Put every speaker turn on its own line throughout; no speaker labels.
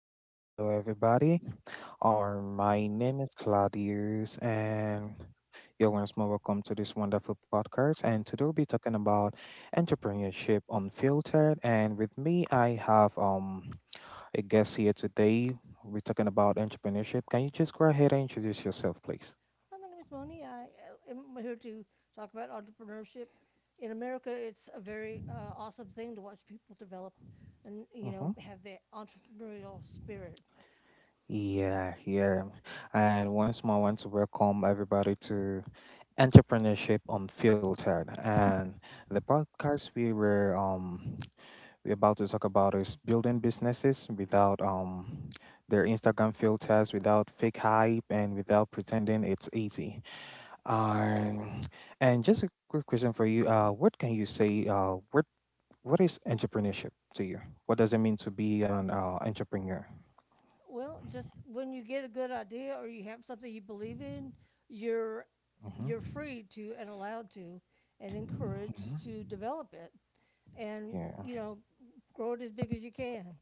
hello, hello, everybody. My name is Claudius, and you're once more welcome to this wonderful podcast. And today we'll be talking about entrepreneurship unfiltered. And with me, I have a guest here today. We're talking about entrepreneurship. Can you just go ahead and introduce yourself, please?
Hi, my name is Moni. I am here to talk about entrepreneurship. In America, it's a very awesome thing to watch people develop and, you
Mm-hmm.
know, have that entrepreneurial spirit.
Yeah, yeah. And once more, I want to welcome everybody to entrepreneurship unfiltered, and the podcast we were we about to talk about is building businesses without their Instagram filters, without fake hype, and without pretending it's easy. um and just a quick question for you. What can you say? What is entrepreneurship to you? What does it mean to be an entrepreneur?
Well, just when you get a good idea or you have something you believe in, you're
Mm-hmm.
you're free to and allowed to and
Mm-hmm.
encouraged to develop it and,
Yeah.
you know, grow it as big as you can.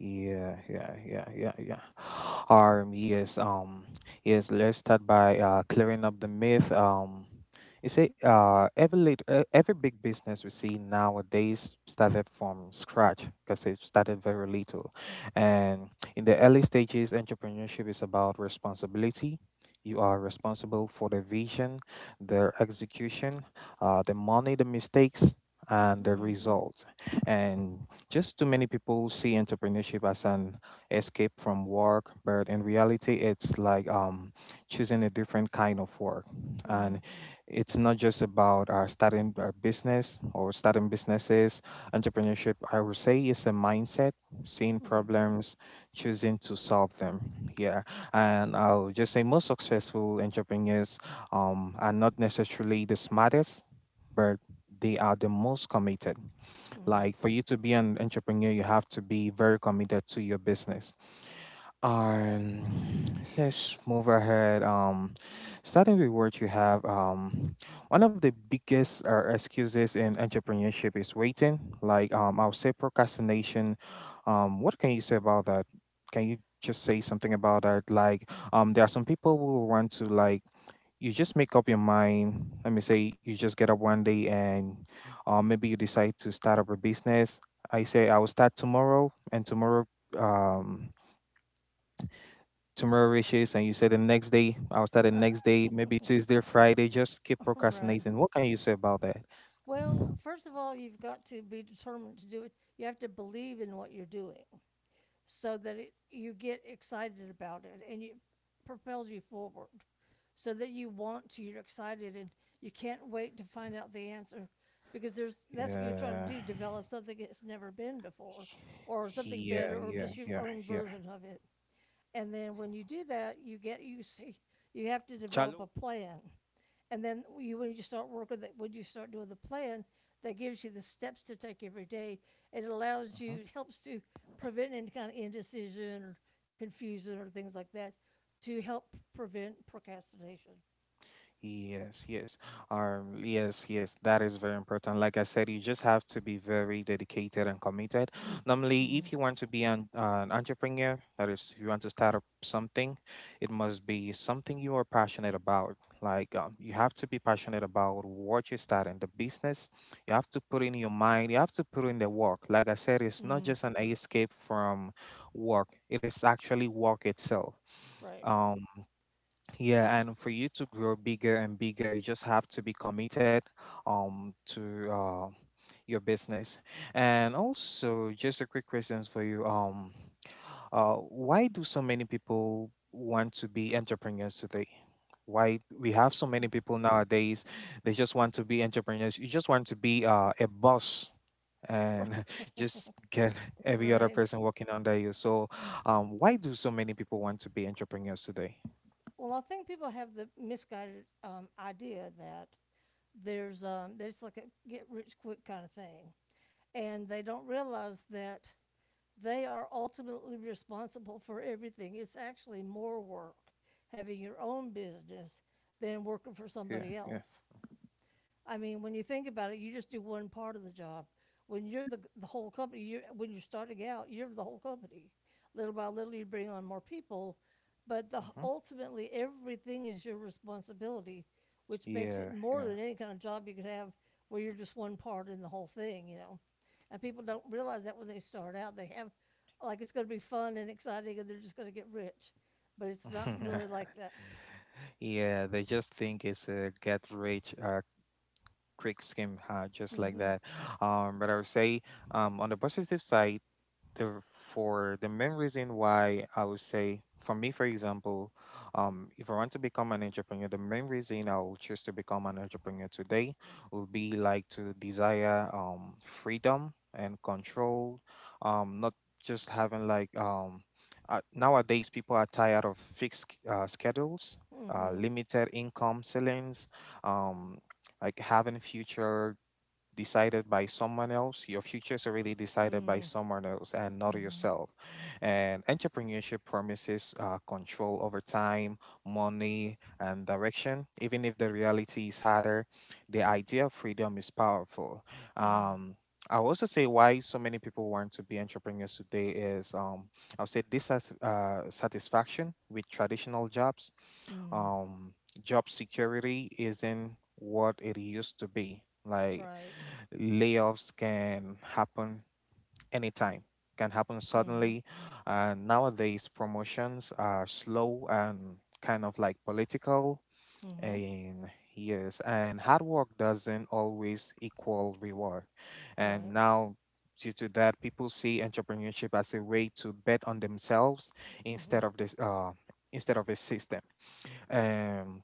Yeah, yeah, yeah, yeah, yeah. Um, yes, um, yes, let's start by clearing up the myth. You see, every big business we see nowadays started from scratch because it started very little. And in the early stages, entrepreneurship is about responsibility. You are responsible for the vision, the execution, the money, the mistakes, and the
Mm-hmm.
result. And just too many people see entrepreneurship as an escape from work, but in reality, it's like choosing a different kind of work.
Mm-hmm. Mm-hmm.
And it's not just about starting a business or starting businesses. Entrepreneurship, I would say, is a mindset: seeing
Mm-hmm.
problems, choosing to solve them. Yeah. And I'll just say most successful entrepreneurs are not necessarily the smartest, but they are the most committed. Like, for you to be an entrepreneur, you have to be very committed to your business. Um, let's move ahead. Starting with what you have. One of the biggest excuses in entrepreneurship is waiting. Like, I'll say procrastination. What can you say about that? Can you just say something about that? Like, there are some people who want to, like, you just make up your mind. Let me say you just get up one day and maybe you decide to start up a business. I say I will start tomorrow, and tomorrow, um, tomorrow reaches, and you say the next day, I'll start the next day, maybe Tuesday, or Friday. Just keep
Right.
procrastinating. What can you say about that?
Well, first of all, you've got to be determined to do it. You have to believe in what you're doing so that it, you get excited about it and it propels you forward so that you want to, you're excited and you can't wait to find out the answer because there's that's what you're trying to
Yeah.
do develop something that's never been before or something
Yeah,
better or
yeah,
just your
yeah,
own
yeah.
version of it. And then when you do that, you get you see you have to develop a
Chalo.
plan and then you, when you start working, that when you start doing the plan, that gives you the steps to take every day. It allows
Mhm.
you, helps to prevent any kind of indecision or confusion or things like that, to help prevent procrastination.
Yes, yes. Yes, yes, that is very important. Like I said, you just have to be very dedicated and committed. Normally, if
Mm-hmm.
you want to be an entrepreneur, that is, if you want to start up something, it must be something you are passionate about. Like, you have to be passionate about what you're starting, the business. You have to put in your mind, you have to put in the work. Like I said, it's not
Mm,
just an escape from work, it is actually work itself.
right.
Um, yeah, and for you to grow bigger and bigger, you just have to be committed to your business. And also, just a quick questions for you. Why do so many people want to be entrepreneurs today? Why we have so many people nowadays, they just want to be entrepreneurs. You just want to be a boss, and just get every other
Right.
person working under you. So, why do so many people want to be entrepreneurs today?
Well, I think people have the misguided idea that there's that it's like a get rich quick kind of thing, and they don't realize that they are ultimately responsible for everything. It's actually more work having your own business than working for
Yeah,
somebody
yeah.
else. I mean, when you think about it, you just do one part of the job. When you're the whole company, you when you're starting out, you're the whole company. Little by little, you bring on more people, but the,
Hmm.
ultimately, everything is your responsibility, which makes it
Yeah,
more
yeah.
than any kind of job you could have where you're just one part in the whole thing, you know. And people don't realize that when they start out, they have like it's going to be fun and exciting, and they're just going to get rich, but it's not really like that.
Yeah, they just think it's a get rich, quick skim, huh? Just like
Mm-hmm.
that. But I would say, on the positive side, the for the main reason, why I would say, for me, for example, if I want to become an entrepreneur, the main reason I will choose to become an entrepreneur today will be like to desire freedom and control, not just having like nowadays people are tired of fixed schedules,
Mm-hmm.
limited income ceilings, um, like having future decided by someone else. Your future is already decided by
Mm-hmm.
someone else and not
Mm-hmm.
yourself. And entrepreneurship promises control over time, money, and direction. Even if the reality is harder, the idea of freedom is powerful.
Mm-hmm.
Um, I'll also say why so many people want to be entrepreneurs today is, I'll say, dissatisfaction satisfaction with traditional jobs.
Mm,
um, Job security isn't what it used to be. Like,
right.
layoffs can happen anytime, can happen
Mhm.
suddenly, and nowadays promotions are slow and kind of like political,
Mhm.
and yes, and hard work doesn't always equal reward. And
Right.
now, due to that, people see entrepreneurship as a way to bet on themselves instead
Mhm.
of this instead of a system. um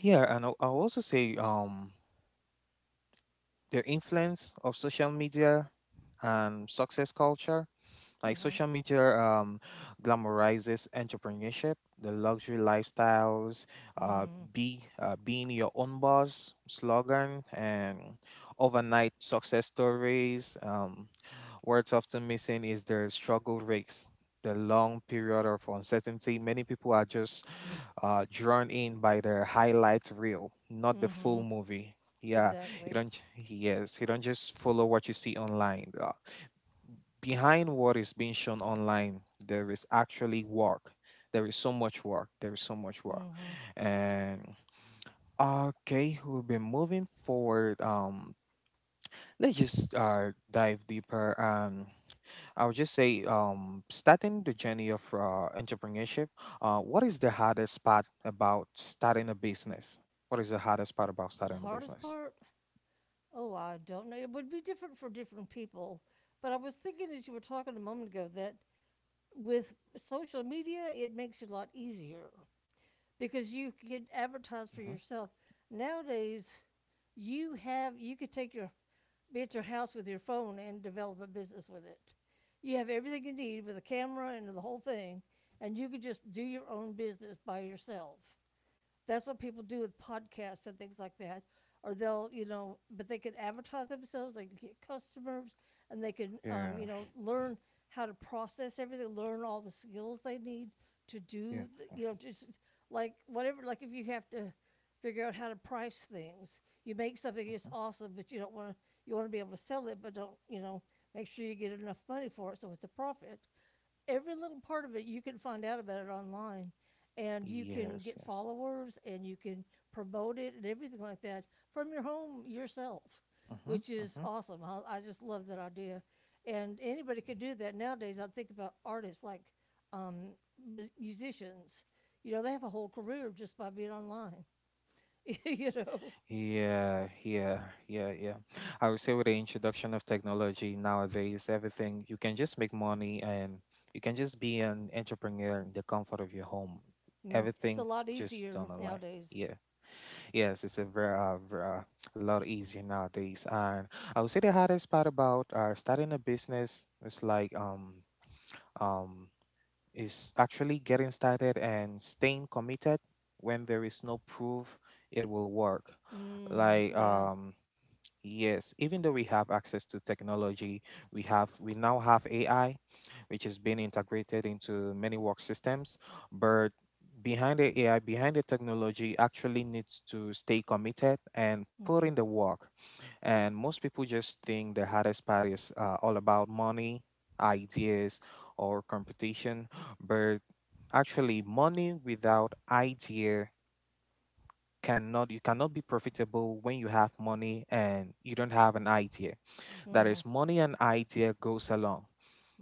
yeah, and I'll also say, their influence of social media and success culture. Like,
Mhm.
social media glamorizes entrepreneurship, the luxury lifestyles, uh,
Mm,
be being your own boss slogan, and overnight success stories. What's often missing is the struggle race, the long period of uncertainty. Many people are just drawn in by the highlight reel, not the full
mhm.
movie. Yeah, you
Exactly.
don't. J- yes, you don't just follow what you see online. Behind what is being shown online, there is actually work. There is so much work. There is so much work,
Mhm.
and okay, we'll be moving forward. Let's just dive deeper. I would just say, starting the journey of entrepreneurship. What is the hardest part about starting a business? What is the hardest part about
The
starting a
hardest
business?
part? Oh, I don't know. It would be different for different people. But I was thinking as you were talking a moment ago that with social media, it makes it a lot easier. Because you could advertise for
Hmm.
yourself. Nowadays, you have you could take your be at your house with your phone and develop a business with it. You have everything you need with a camera and the whole thing, and you could just do your own business by yourself. That's what people do with podcasts and things like that. Or they'll, you know, but they can advertise themselves, they can get customers, and they can,
Yeah,
you know, learn how to process everything, learn all the skills they need to
yeah.
do, the, you know, just like whatever, like if you have to figure out how to price things, you make something
Hmm.
that's awesome, but you don't want to, you want to be able to sell it, but don't, you know, make sure you get enough money for it so it's a profit every little part of it you can find out about it online and you can
Yes,
get
yes.
followers and you can promote it and everything like that from your home yourself
Hmm.
which is
Hmm.
awesome I just love that idea and anybody could do that nowadays I think about artists like um, musicians you know they have a whole career just by being online you know S-
Yeah, yeah, yeah, yeah. I would say with the introduction of technology nowadays, everything, you can just make money and you can just be an entrepreneur in the comfort of your home.
mm, it's
Everything
a lot
just done
easier
online.
nowadays
Yeah. Yes, it's a very, a lot easier nowadays. And I would say the hardest part about starting a business is like um is actually getting started and staying committed when there is no proof it will work. Like
mm, yeah
yes, even though we have access to technology, we now have AI, which is being integrated into many work systems. But behind the AI, behind the technology, actually needs to stay committed and put in
mm-hmm,
the work. And most people just think the hardest part is all about money, ideas, or competition. But actually, money without idea cannot, you cannot be profitable when you have money and you don't have an idea. That is,
mm,
money and idea goes along.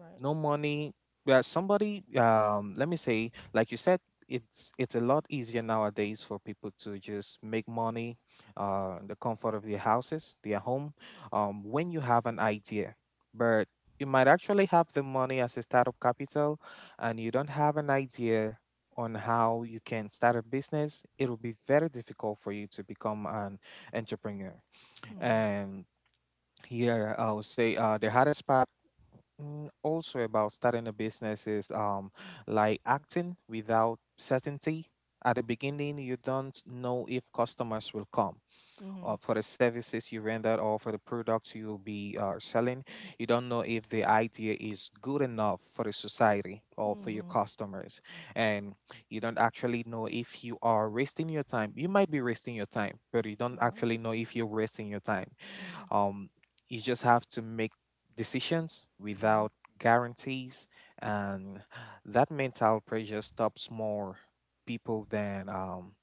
right.
No money, yeah, somebody, let me say, like you said, it's a lot easier nowadays for people to just make money in the comfort of their houses, their home, when you have an idea. But you might actually have the money as a startup capital, and you don't have an idea on how you can start a business. It will be very difficult for you to become an entrepreneur.
Mm.
And here, I would say the hardest part, mm, also about starting a business is, like, acting without certainty. At the beginning, you don't know if customers will come, or
Hmm.
for the services you render, or for the products you will be selling. You don't know if the idea is good enough for the society or for
Hmm.
your
Hmm.
customers, and you don't actually know if you are wasting your time. You might be wasting your time, but you don't
Hmm.
actually know if you're wasting your time. Um, you just have to make decisions without
Hmm.
guarantees, and that mental pressure stops more people than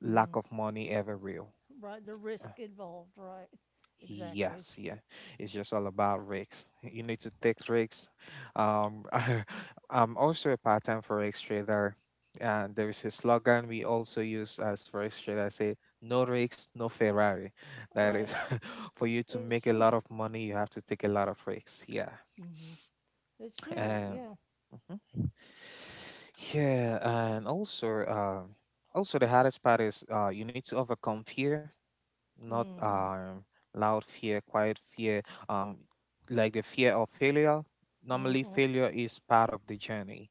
lack
Hmm.
of money ever will.
Right, the risk involved. Right,
Yes,
exactly.
yeah. It's just all about risks. You need to take risks. Um, I'm also a part-time forex trader, and there is a slogan we also use as forex trader. Say, no risks, no Ferrari. That is,
Right,
for you to
it's
make a
true.
lot of money, you have to take a lot of risks. Yeah.
Hmm. It's true.
Um,
Yeah.
mhm. Yeah, and also, also the hardest part is, you need to overcome fear, not
Hmm.
loud fear, quiet fear, um like the fear of failure. Normally,
Hmm.
failure is part of the journey.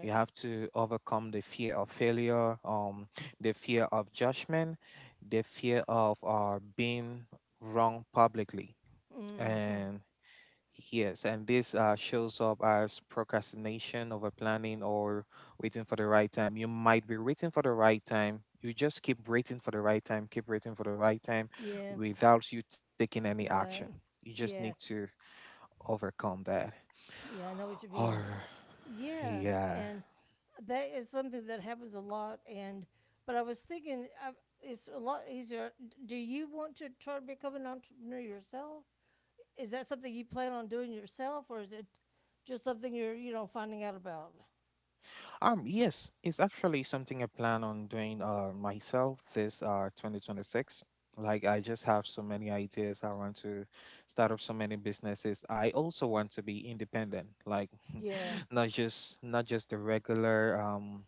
You have to overcome the fear of failure, the fear of judgment, the fear of being wrong publicly,
Hmm.
and yes, and this shows up as procrastination, over planning, or waiting for the right time. You might be waiting for the right time. You just keep waiting for the right time, keep waiting for the right time
Yeah.
without you taking any action.
Right.
You just need
Yeah.
to overcome that.
Yeah. I know what you
Or,
mean. Yeah,
yeah.
and that is something that happens a lot. And but I was thinking, I, it's a lot easier. D- Do you want to try to become an entrepreneur yourself? Is that something you plan on doing yourself, or is it just something you're, you know, finding out about?
Yes, it's actually something I plan on doing myself this 2026. Like, I just have so many ideas. I want to start up so many businesses. I also want to be independent, like
Yeah,
not just, not just the regular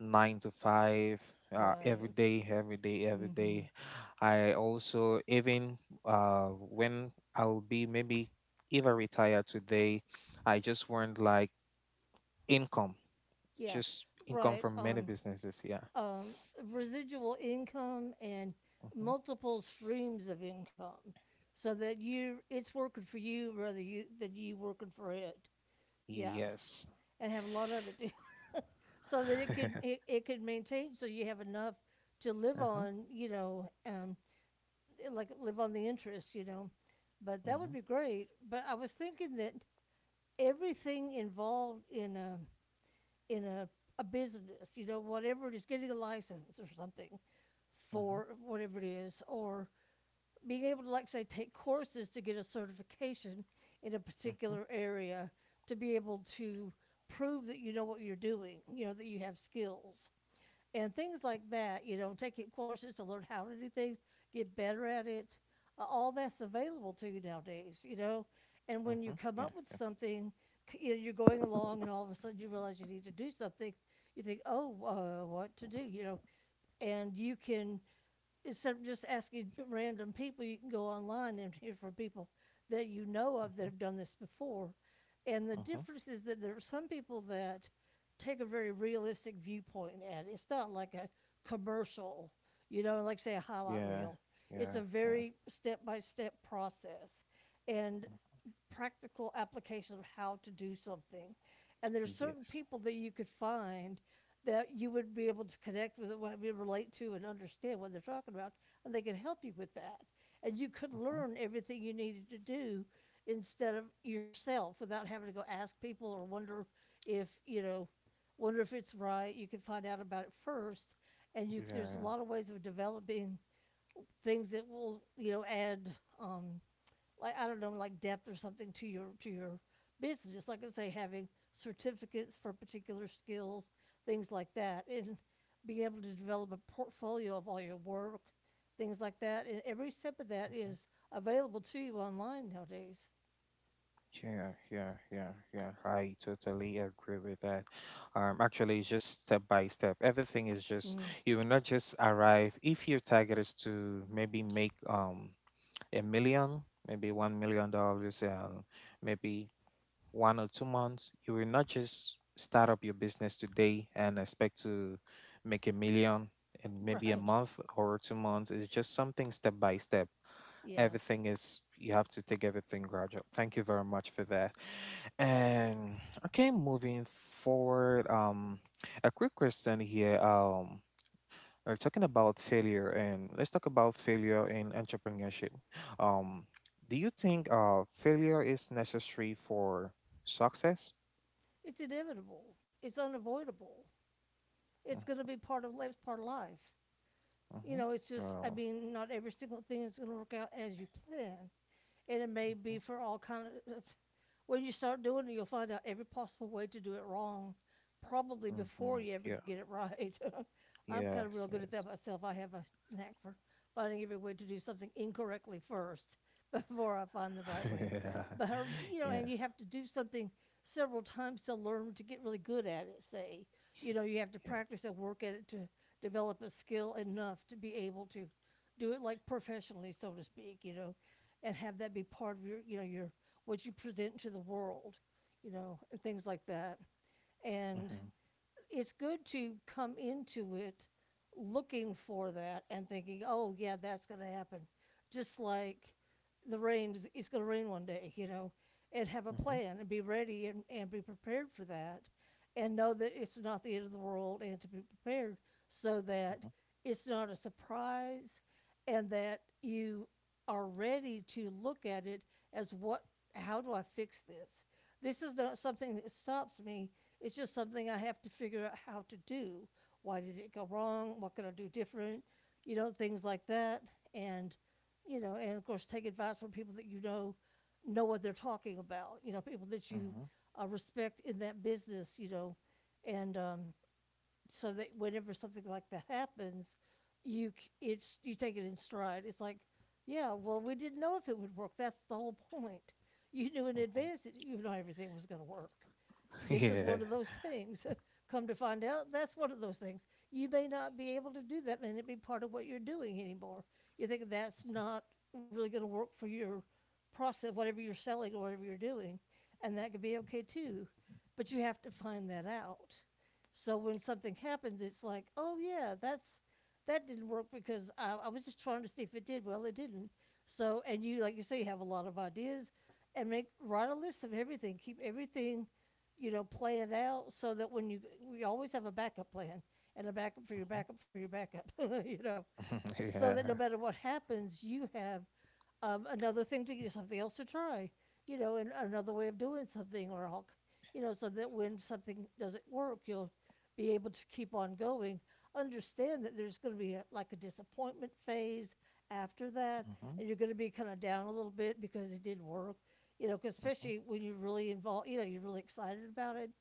9 to 5 every
right.
day, every day, every
Mm-hmm.
day. I also even when I will be maybe if I retire today, I just want like income,
Yeah,
just income
right.
from many businesses. Yeah.
Um, residual income and
Hmm.
multiple streams of income, so that you it's working for you rather you than you working for it. Yeah,
Yes.
and have a lot of it, too, so that it can
Uh-huh.
it, it can maintain, so you have enough to live on, like live on the interest, you know. But that would
Mm-hmm.
be great. But I was thinking that everything involved in a business, you know, whatever it is, getting a license or something
Mm-hmm.
for whatever it is, or being able to like say take courses to get a certification in a
Mm-hmm.
particular area to be able to prove that you know what you're doing, you know, that you have skills. And things like that, you know, taking courses to learn how to do things, get better at it. All that's available to you nowadays, you know. And when
Mm-hmm.
you come
Yeah.
up with something, you know, you're going along and all of a sudden you realize you need to do something. You think, oh, what to do, you know. And you can instead of just asking random people, you can go online and hear from people that you know of
Mm-hmm.
that have done this before. And the
Mm-hmm.
difference is that there are some people that take a very realistic viewpoint at it. It's not like a commercial, you know, like say a highlight
Yeah.
reel. It's
Yeah.
a
Yeah.
very step by step process. And
Mhm.
practical application of how to do something. And there are certain
Yes.
people that you could find that you would be able to connect with, what we relate to, and understand what they're talking about, and they could help you with that. And you could
Mm-hmm.
learn everything you needed to do instead of yourself without having to go ask people or wonder if you know wonder if it's right you can find out about it first and you there's a
Yeah.
lot of ways of developing things that will you know add um, like I don't know like depth or something to your business. Just like I say, having certificates for particular skills, things like that, and being able to develop a portfolio of all your work, things like that. And every step of that
Mm-hmm.
is available to you online nowadays.
Yeah, yeah, yeah, yeah, I totally agree with that. Actually, it's just step by step. Everything is just
Mm,
you will not just arrive. If your target is to maybe make a million, maybe $1 million, maybe 1 or 2 months, you will not just start up your business today and expect to make a million in maybe a
right?
month or 2 months. It's just something step by step.
Yeah,
Everything is, you have to take everything gradual. Thank you very much for that. And okay, moving forward, a quick question here. We're talking about failure, and let's talk about failure in entrepreneurship. Um, do you think failure is necessary for success?
it's inevitable. It's unavoidable. It's going to be part of life's part of life. You
Mm-hmm.
know, it's just I
Well,
mean, not every single thing is going to work out as you plan, and it may be for all kind of. When you start doing it, you'll find out every possible way to do it wrong, probably
hmm,
before you ever
yeah,
get it right. I'm kind of real
yes,
good at
yes,
that myself. I have a knack for finding every way to do something incorrectly first before I find the right way.
yeah,
But or, you know,
yeah,
and you have to do something several times to learn to get really good at it. Say, you know, you have to
yeah.
practice and work at it to develop a skill enough to be able to do it like professionally, so to speak. You know, and have that be part of your, you know, your what you present to the world. You know, and things like that. And
Mm-hmm.
it's good to come into it looking for that and thinking, oh, yeah, that's going to happen. Just like the rain is going to rain one day, you know, and have a plan and be ready and be prepared for that and know that it's not the end of the world and to be prepared so
Mm-hmm.
that it's not a surprise and that you are ready to look at it as what how do I fix this? This is not something that stops me. It's just something I have to figure out how to do. Why did it go wrong? What can I do different? You know, things like that. And you know, and of course take advice from people that you know what they're talking about. You know, people that you
Mm-hmm.
respect in that business. You know, and so that whenever something like that happens, you it's you take it in stride. It's like, yeah, well, we didn't know if it would work. That's the whole point. You knew in
Mm-hmm.
advance that you know everything was going to work. This is
Yeah.
one of those things. Come to find out, that's one of those things. You may not be able to do that, and it be part of what you're doing anymore. You think that's not really going to work for your process, whatever you're selling or whatever you're doing, and that could be okay too. But you have to find that out so when something happens, it's like, oh yeah, that's that didn't work because I was just trying to see if it did. Well, it didn't. So and you like you say you have a lot of ideas, and make write a list of everything. Keep everything, you know, play it out so that when you we always have a backup plan and a backup for your
Mm-hmm.
backup for your backup. You know, so that no
Yeah.
matter what happens, you have another thing to use, something else to try, you know, and another way of doing something, or I'll, you know, so that when something doesn't work, you'll be able to keep on going. Understand that there's going to be a, like a disappointment phase after that,
Mm-hmm.
and you're going to be kind of down a little bit because it didn't work, you know, 'cause
Mm-hmm.
especially when you're really involved, you know, you're really excited about it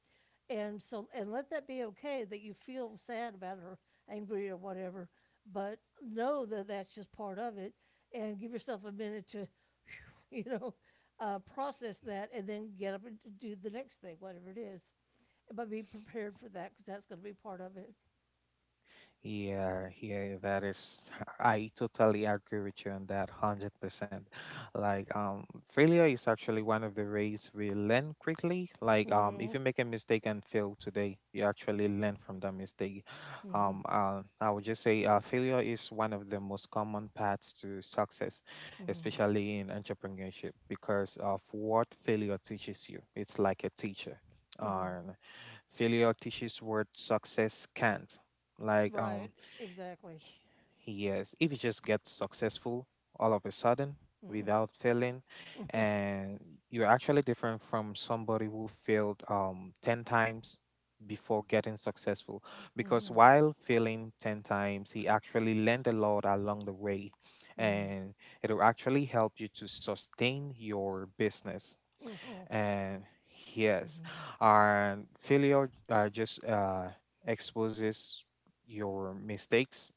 and so and let that be okay that you feel sad about it or angry or whatever but know that that's just part of it and give yourself a minute to you know process that and then get up and do the next thing whatever it is but be prepared for that because that's going to be part of it.
Yeah, yeah, that is. I totally agree with you on that, 100%. Like, failure is actually one of the ways we learn quickly. Like,
Mm-hmm,
if you make a mistake and fail today, you actually learn from that mistake.
mm-hmm,
I would just say, failure is one of the most common paths to success,
mm-hmm,
especially in entrepreneurship, because of what failure teaches you. It's like a teacher.
mm-hmm.
Um, failure teaches what success can't, like,
Right. Exactly.
yes, if you just get successful all of a sudden
Mm-hmm,
without failing,
mm-hmm,
and you're actually different from somebody who failed 10 times before getting successful, because
mm-hmm,
while failing 10 times, he actually learned a lot along the way,
mm-hmm,
and it'll actually help you to sustain your business.
mm-hmm,
And yes, and failure just exposes your mistakes.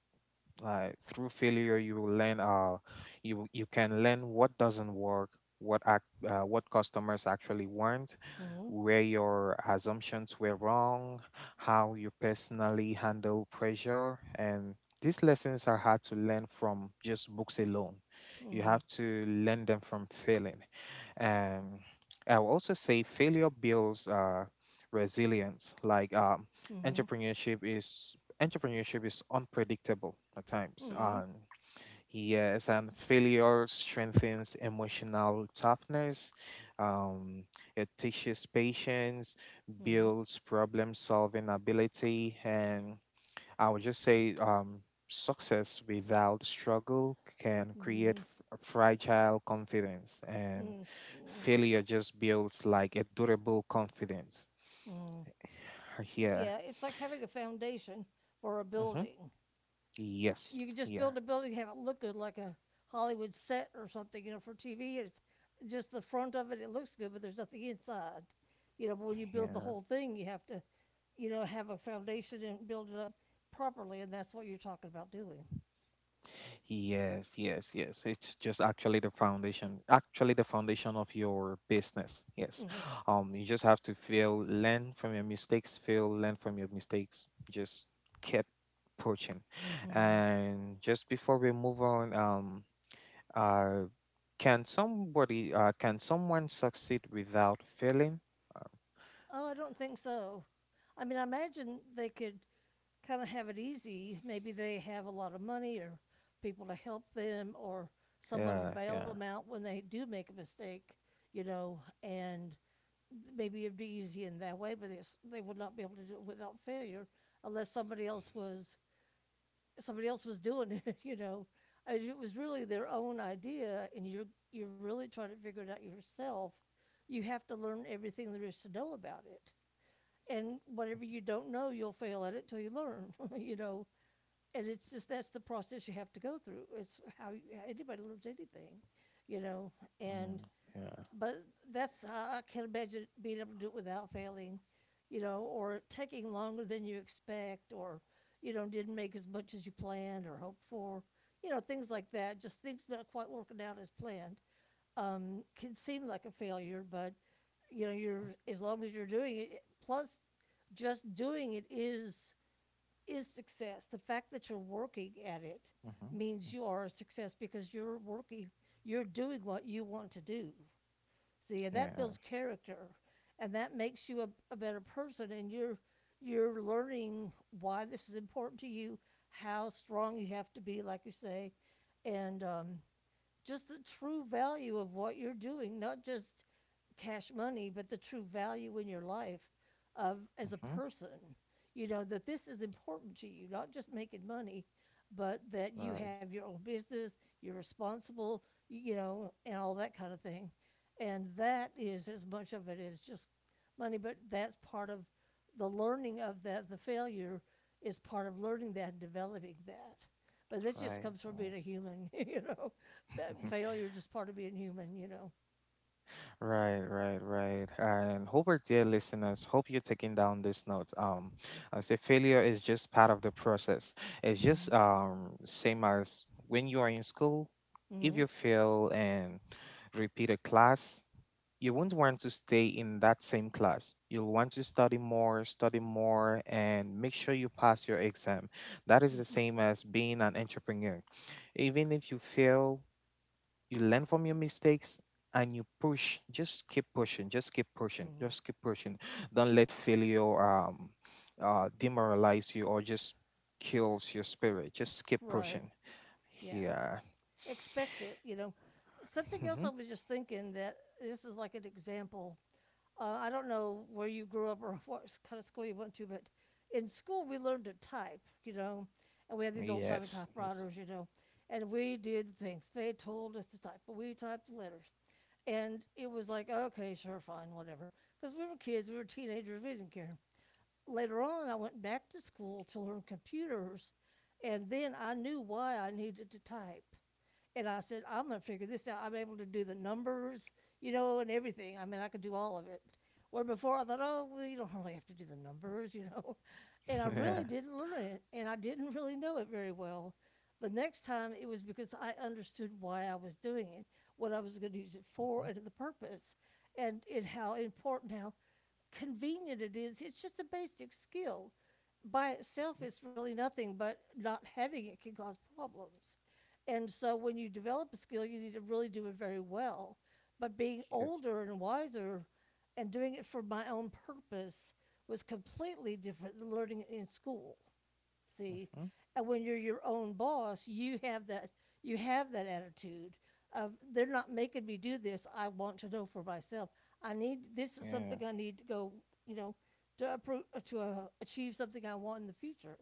Like, through failure you will learn, you can learn what doesn't work, what customers actually want,
mm-hmm,
where your assumptions were wrong, how you personally handle pressure. And these lessons are hard to learn from just books alone. You
mm-hmm,
have to learn them from failing. um, I will also say failure builds resilience. like um,
mm-hmm, mm-hmm.
entrepreneurship is entrepreneurship is unpredictable at times.
Mm-hmm.
Yes, and failure strengthens emotional toughness. Um, it teaches patience, builds problem solving ability, and I would just say success without struggle can create
Mm-hmm.
fragile confidence, and
Mm, mm,
failure just builds like a durable confidence.
mm.
Yeah.
Yeah, it's like having a foundation for a
Mm-hmm.
building.
Yes.
You can just
Yeah.
build a building, have it look good, like a Hollywood set or something, you know, for TV. It's just the front of it, it looks good, but there's nothing inside. You know, but when you build the
Yeah.
whole thing, you have to, you know, have a foundation and build it up properly, and that's what you're talking about doing.
Yes, yes, yes. It's just actually the foundation of your business. Yes.
Hmm.
You just have to feel, learn from your mistakes, feel, learn from your mistakes. Just keep pushing.
Hmm.
And just before we move on, uh, can somebody, can someone succeed without failing? Uh,
Oh, I don't think so. I mean, I imagine they could kind of have it easy. Maybe they have a lot of money or people to help them or someone to
yeah,
bail
yeah,
them out when they do make a mistake, you know, and maybe it'd be easy in that way, but it's, they would not be able to do it without failure unless somebody else was somebody else was doing it, you know. I mean, it was really their own idea and you're really trying to figure it out yourself. You have to learn everything there is to know about it. And whatever you don't know, you'll fail at it till you learn, you know and it's just that's the process you have to go through. It's how you, anybody learns anything, you know.
mm,
And
yeah.
but that's I can't imagine being able to do it without failing, you know, or taking longer than you expect, or you know didn't make as much as you planned or hoped for, you know, things like that. Just things not quite working out as planned can seem like a failure, but you know you're as long as you're doing it. Plus, just doing it is success. The fact that you're working at it
Mm-hmm.
means
Mm-hmm.
you are a success because you're working, you're doing what you want to do. See, and that
Yeah.
builds character, and that makes you a better person. And you're learning why this is important to you, how strong you have to be, like you say, and just the true value of what you're doing, not just cash money, but the true value in your life of as a
Mm-hmm.
person. You know that this is important to you, not just making money, but that you
Right,
have your own business, you're responsible, you know, and all that kind of thing. And that is as much of it as just money, but that's part of the learning of that. The failure is part of learning that and developing that. But this just
right,
comes from
right.
being a human, you know. Failure is just part of being human, you know.
Right, right, right. And hope our dear listeners, hope you're taking down these notes. I say failure is just part of the process. It's
Mm-hmm.
just same as when you are in school. If
Mm-hmm.
you fail and repeat a class, you won't want to stay in that same class. You'll want to study more, and make sure you pass your exam. That is
Mm-hmm.
the same as being an entrepreneur. Even if you fail, you learn from your mistakes, and you push, just keep pushing, just keep pushing,
Mm-hmm.
just keep pushing. Don't let failure demoralize you or just kills your spirit. Just keep
Right.
pushing.
Yeah.
Yeah.
Expect it, you know. Something
Hmm.
else I was just thinking that this is like an example I don't know where you grew up or what kind of school you went to, but in school we learned to type, you know, and we had these old timey
Yes, yes.
typewriters, you know, and we did things. They told us to type, but we typed the letters. And it was like, okay, sure, fine, whatever. Because we were kids, we were teenagers, we didn't care later on, I went back to school to learn computers, and then I knew why I needed to type. And I said, I'm going to figure this out. I'm able to do the numbers, you know, and everything. I mean, I could do all of it. Where before I thought, oh, well, you don't really have to do the numbers, you know. And I really
Yeah.
didn't learn it, and I didn't really know it very well. The next time it was because I understood why I was doing it, what I was going to use it for,
Mhm.
and the purpose, and how important, how convenient it is. It's just a basic skill. By itself, it's really nothing, but not having it can cause problems. And so when you develop a skill, you need to really do it very well. But being
Mhm. Yes.
older and wiser and doing it for my own purpose was completely different than learning it in school. See,
Hmm.
and when you're your own boss, you have that attitude of they're not making me do this. I want to know for myself. I need this is
Yeah.
something I need to go. You know, to achieve something I want in the future,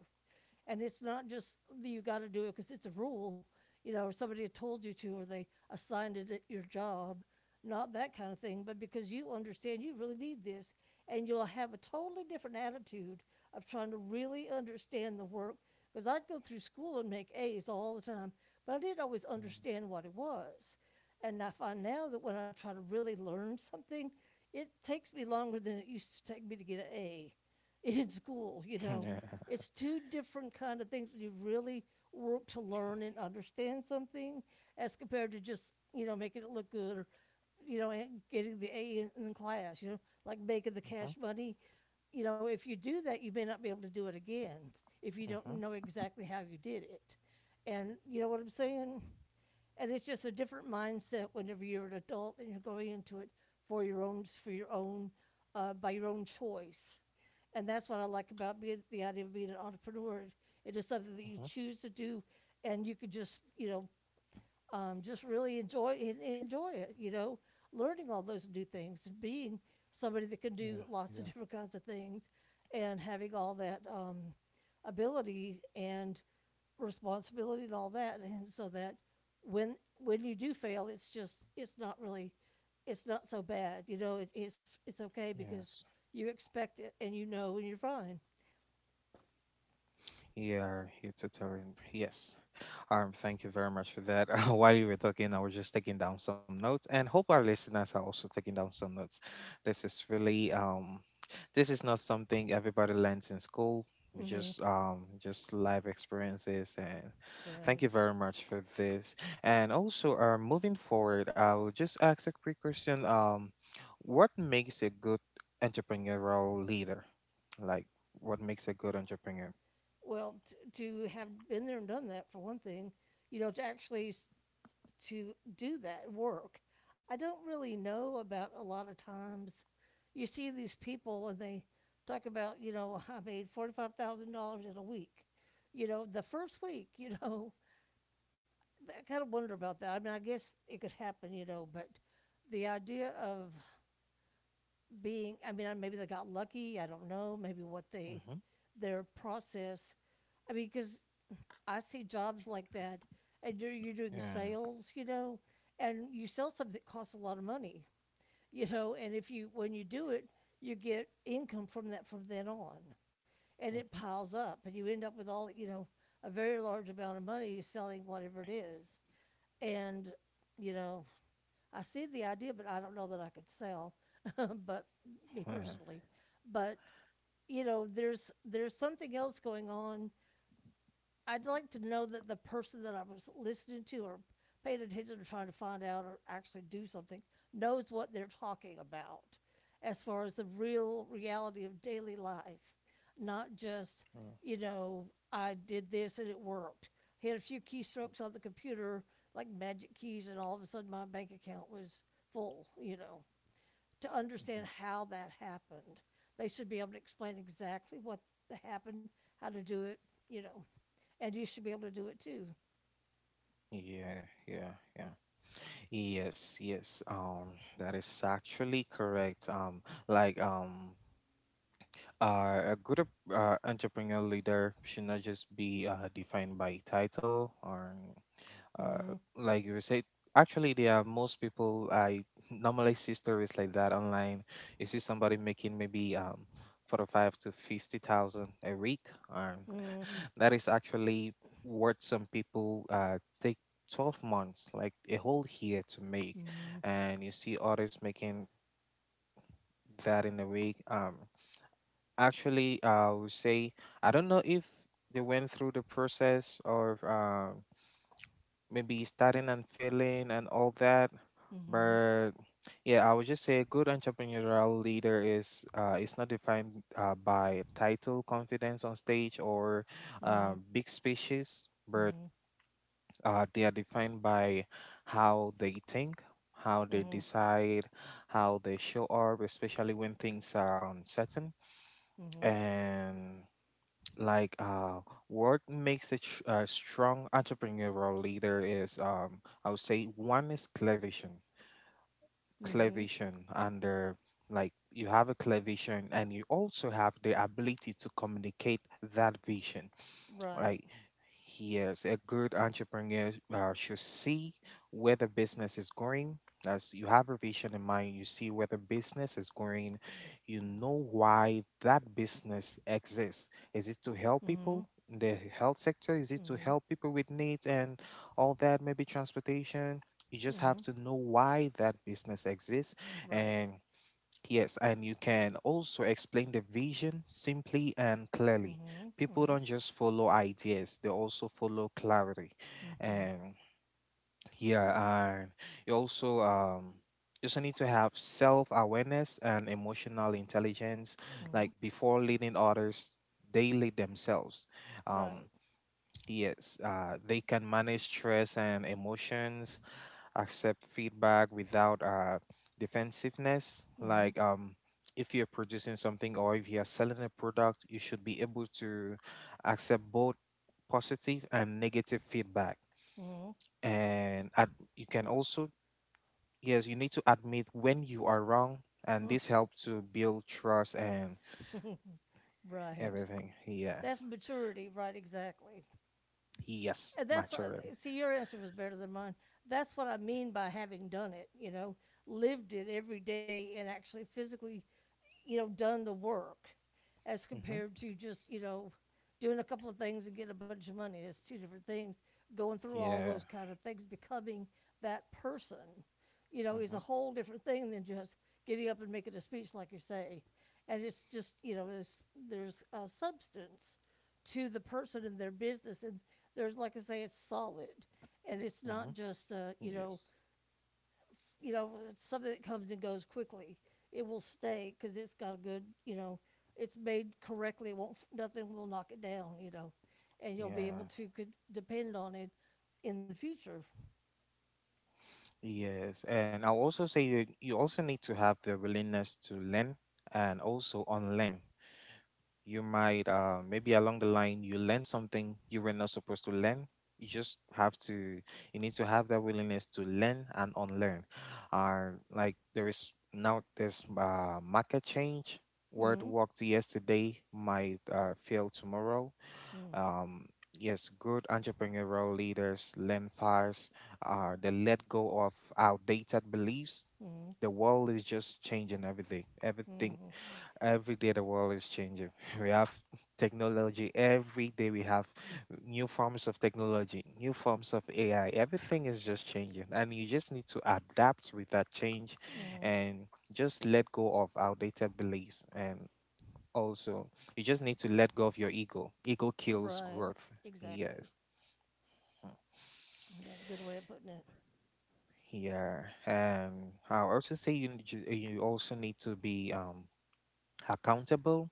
and it's not just that you got to do it because it's a rule you know, or somebody had told you to, or they assigned it at your job, not that kind of thing, but because you understand you really need this, and you'll have a totally different attitude of trying to really understand the work. Because I'd go through school and make A's all the time, but I didn't always
Mm.
understand what it was. And I find now that when I try to really learn something, it takes me longer than it used to take me to get an A. In school, you know.
Yeah.
It's two different kind of things when you really work to learn and understand something as compared to just, you know, making it look good or, you know, getting the A in class, you know, like making the
Hmm.
cash money. You know, if you do that, you may not be able to do it again if you don't
Hmm.
know exactly how you did it. And you know what I'm saying? And it's just a different mindset whenever you're an adult and you're going into it for your own by your own choice and that's what I like about being the idea of being an entrepreneur it is something that you
Hmm.
choose to do and you could just you know just really enjoy enjoy it. You know, learning all those new things, being somebody that can
Yeah,
do lots
yeah,
of different kinds of things, and having all that ability and responsibility and all that, and so that when you do fail, it's just it's not really it's not so bad. You know, it's okay because
yes,
you expect it and you know and you're fine.
yeah, you totally, yes. Thank you very much for that. While you were talking, I was just taking down some notes, and hope our listeners are also taking down some notes. This is really this is not something everybody learns in school. We
Hmm.
just life experiences, and thank
Right.
you very much for this. And also, moving forward, I'll just ask a quick question. What makes a good entrepreneurial leader? Like, what makes a good entrepreneur?
Well, to have been there and done that for one thing, you know, to actually to do that work. I don't really know about a lot of times you see these people and they talk about, you know, I made $45,000 in a week. You know, the first week, you know, I kind of wonder about that. I mean, I guess it could happen, you know, but the idea of being, I mean, maybe they got lucky. I don't know. Maybe what they,
Mm-hmm.
their process. I mean, because I see jobs like that, and you're doing
Yeah.
sales, and you sell something that costs a lot of money, and if you when you do it, you get income from that from then on, and it piles up, and you end up with all a very large amount of money selling whatever it is, and you know I see the idea, but I don't know that I could sell, but me
Mm-hmm.
personally, but there's something else going on. I'd like to know that the person that I was listening to or paying attention to trying to find out or actually do something knows what they're talking about as far as the real reality of daily life, not just, you know, I did this and it worked. He had a few keystrokes on the computer, like magic keys, and all of a sudden my bank account was full, to understand
Mm-hmm.
how that happened. They should be able to explain exactly what happened, how to do it, you know, and you should be able to do it too.
Yeah, yeah, yeah. Yes, yes. That is actually correct. A good entrepreneur leader should not just be defined by title or uh,
Mm.
like you say, actually there are most people I normally see stories like that online. You see somebody making maybe 45 to 50,000 a week. um,
Mm.
that is actually what some people take 12 months, like a whole year, to make,
Mm.
and you see others making that in a week. Actually I would say I don't know if they went through the process of maybe starting and failing and all that.
Mhm.
But yeah, I would just say a good entrepreneurial leader is not defined by title, confidence on stage, or
Mhm.
big speeches, but they are defined by how they think, how
Mhm.
they
Mhm.
decide, how they show up, especially when things are uncertain.
Mhm.
And like uh what makes a, a strong entrepreneurial leader is, I would say one is clear vision, clear
Mhm.
vision and like, you have a clear vision and you also have the ability to communicate that vision.
Right.
Like, yes, a good entrepreneur should see where the business is going. As you have a vision in mind, you see where the business is going. You know why that business exists. Is it to help
Mhm.
people in the health sector? Is it to
Mhm.
help people with needs and all that? Maybe transportation. You just
Mhm.
have to know why that business exists,
Right.
and yes, and you can also explain the vision simply and clearly.
Mhm.
People
Mhm.
don't just follow ideas, they also follow clarity.
Mhm.
And yeah, and you also um you also need to have self-awareness and emotional intelligence.
Mhm.
Like, before leading others, they lead themselves.
Right.
Um yes, they can manage stress and emotions, accept feedback without defensiveness.
Mhm.
Like, if you're producing something or if you're selling a product, you should be able to accept both positive and negative feedback.
Mhm.
And you can also, yes, you need to admit when you are wrong. And this helps to build trust and
Right.
everything.
That's
Yes.
maturity, right? Exactly.
Yes,
And that's what,
maturity.
see, your answer was better than mine. That's what I mean by having done it, lived it every day and actually physically done the work as
Mm-hmm.
compared to just, doing a couple of things and getting a bunch of money. It's two different things. Going through all
Yeah.
those kind of things, becoming that person, is
Mm-hmm.
a whole different thing than just getting up and making a speech, like you say. And it's just, there's a substance to the person and their business. And there's, like I say, it's solid. And it's not
Mm-hmm.
just,
Yes.
it's something that comes and goes quickly. It will stay because it's got a good, it's made correctly. It won't nothing will knock it down, and you'll be able
Yeah.
to could depend on it in the future.
Yes, and I'll also say that you also need to have the willingness to learn and also unlearn. You might, maybe along the line, you learn something you were not supposed to learn. You just have to, you need to have that willingness to learn and unlearn. Like, there is now this market change. What
Mm-hmm.
worked yesterday might fail tomorrow.
Mm-hmm.
um, yes, good entrepreneurial leaders learn fast. They let go of outdated beliefs. The world is just changing every day. Everything,
Mm-hmm.
every day, the world is changing. We have technology every day. We have new forms of technology, new forms of AI. Everything is just changing, and you just need to adapt with that change,
Mm-hmm.
and just let go of outdated beliefs and also. You just need to let go of your ego. Ego kills
Right.
growth.
Exactly.
Yes. Mm.
That's a good way of putting it.
Yeah. I'll also say you you also need to be accountable.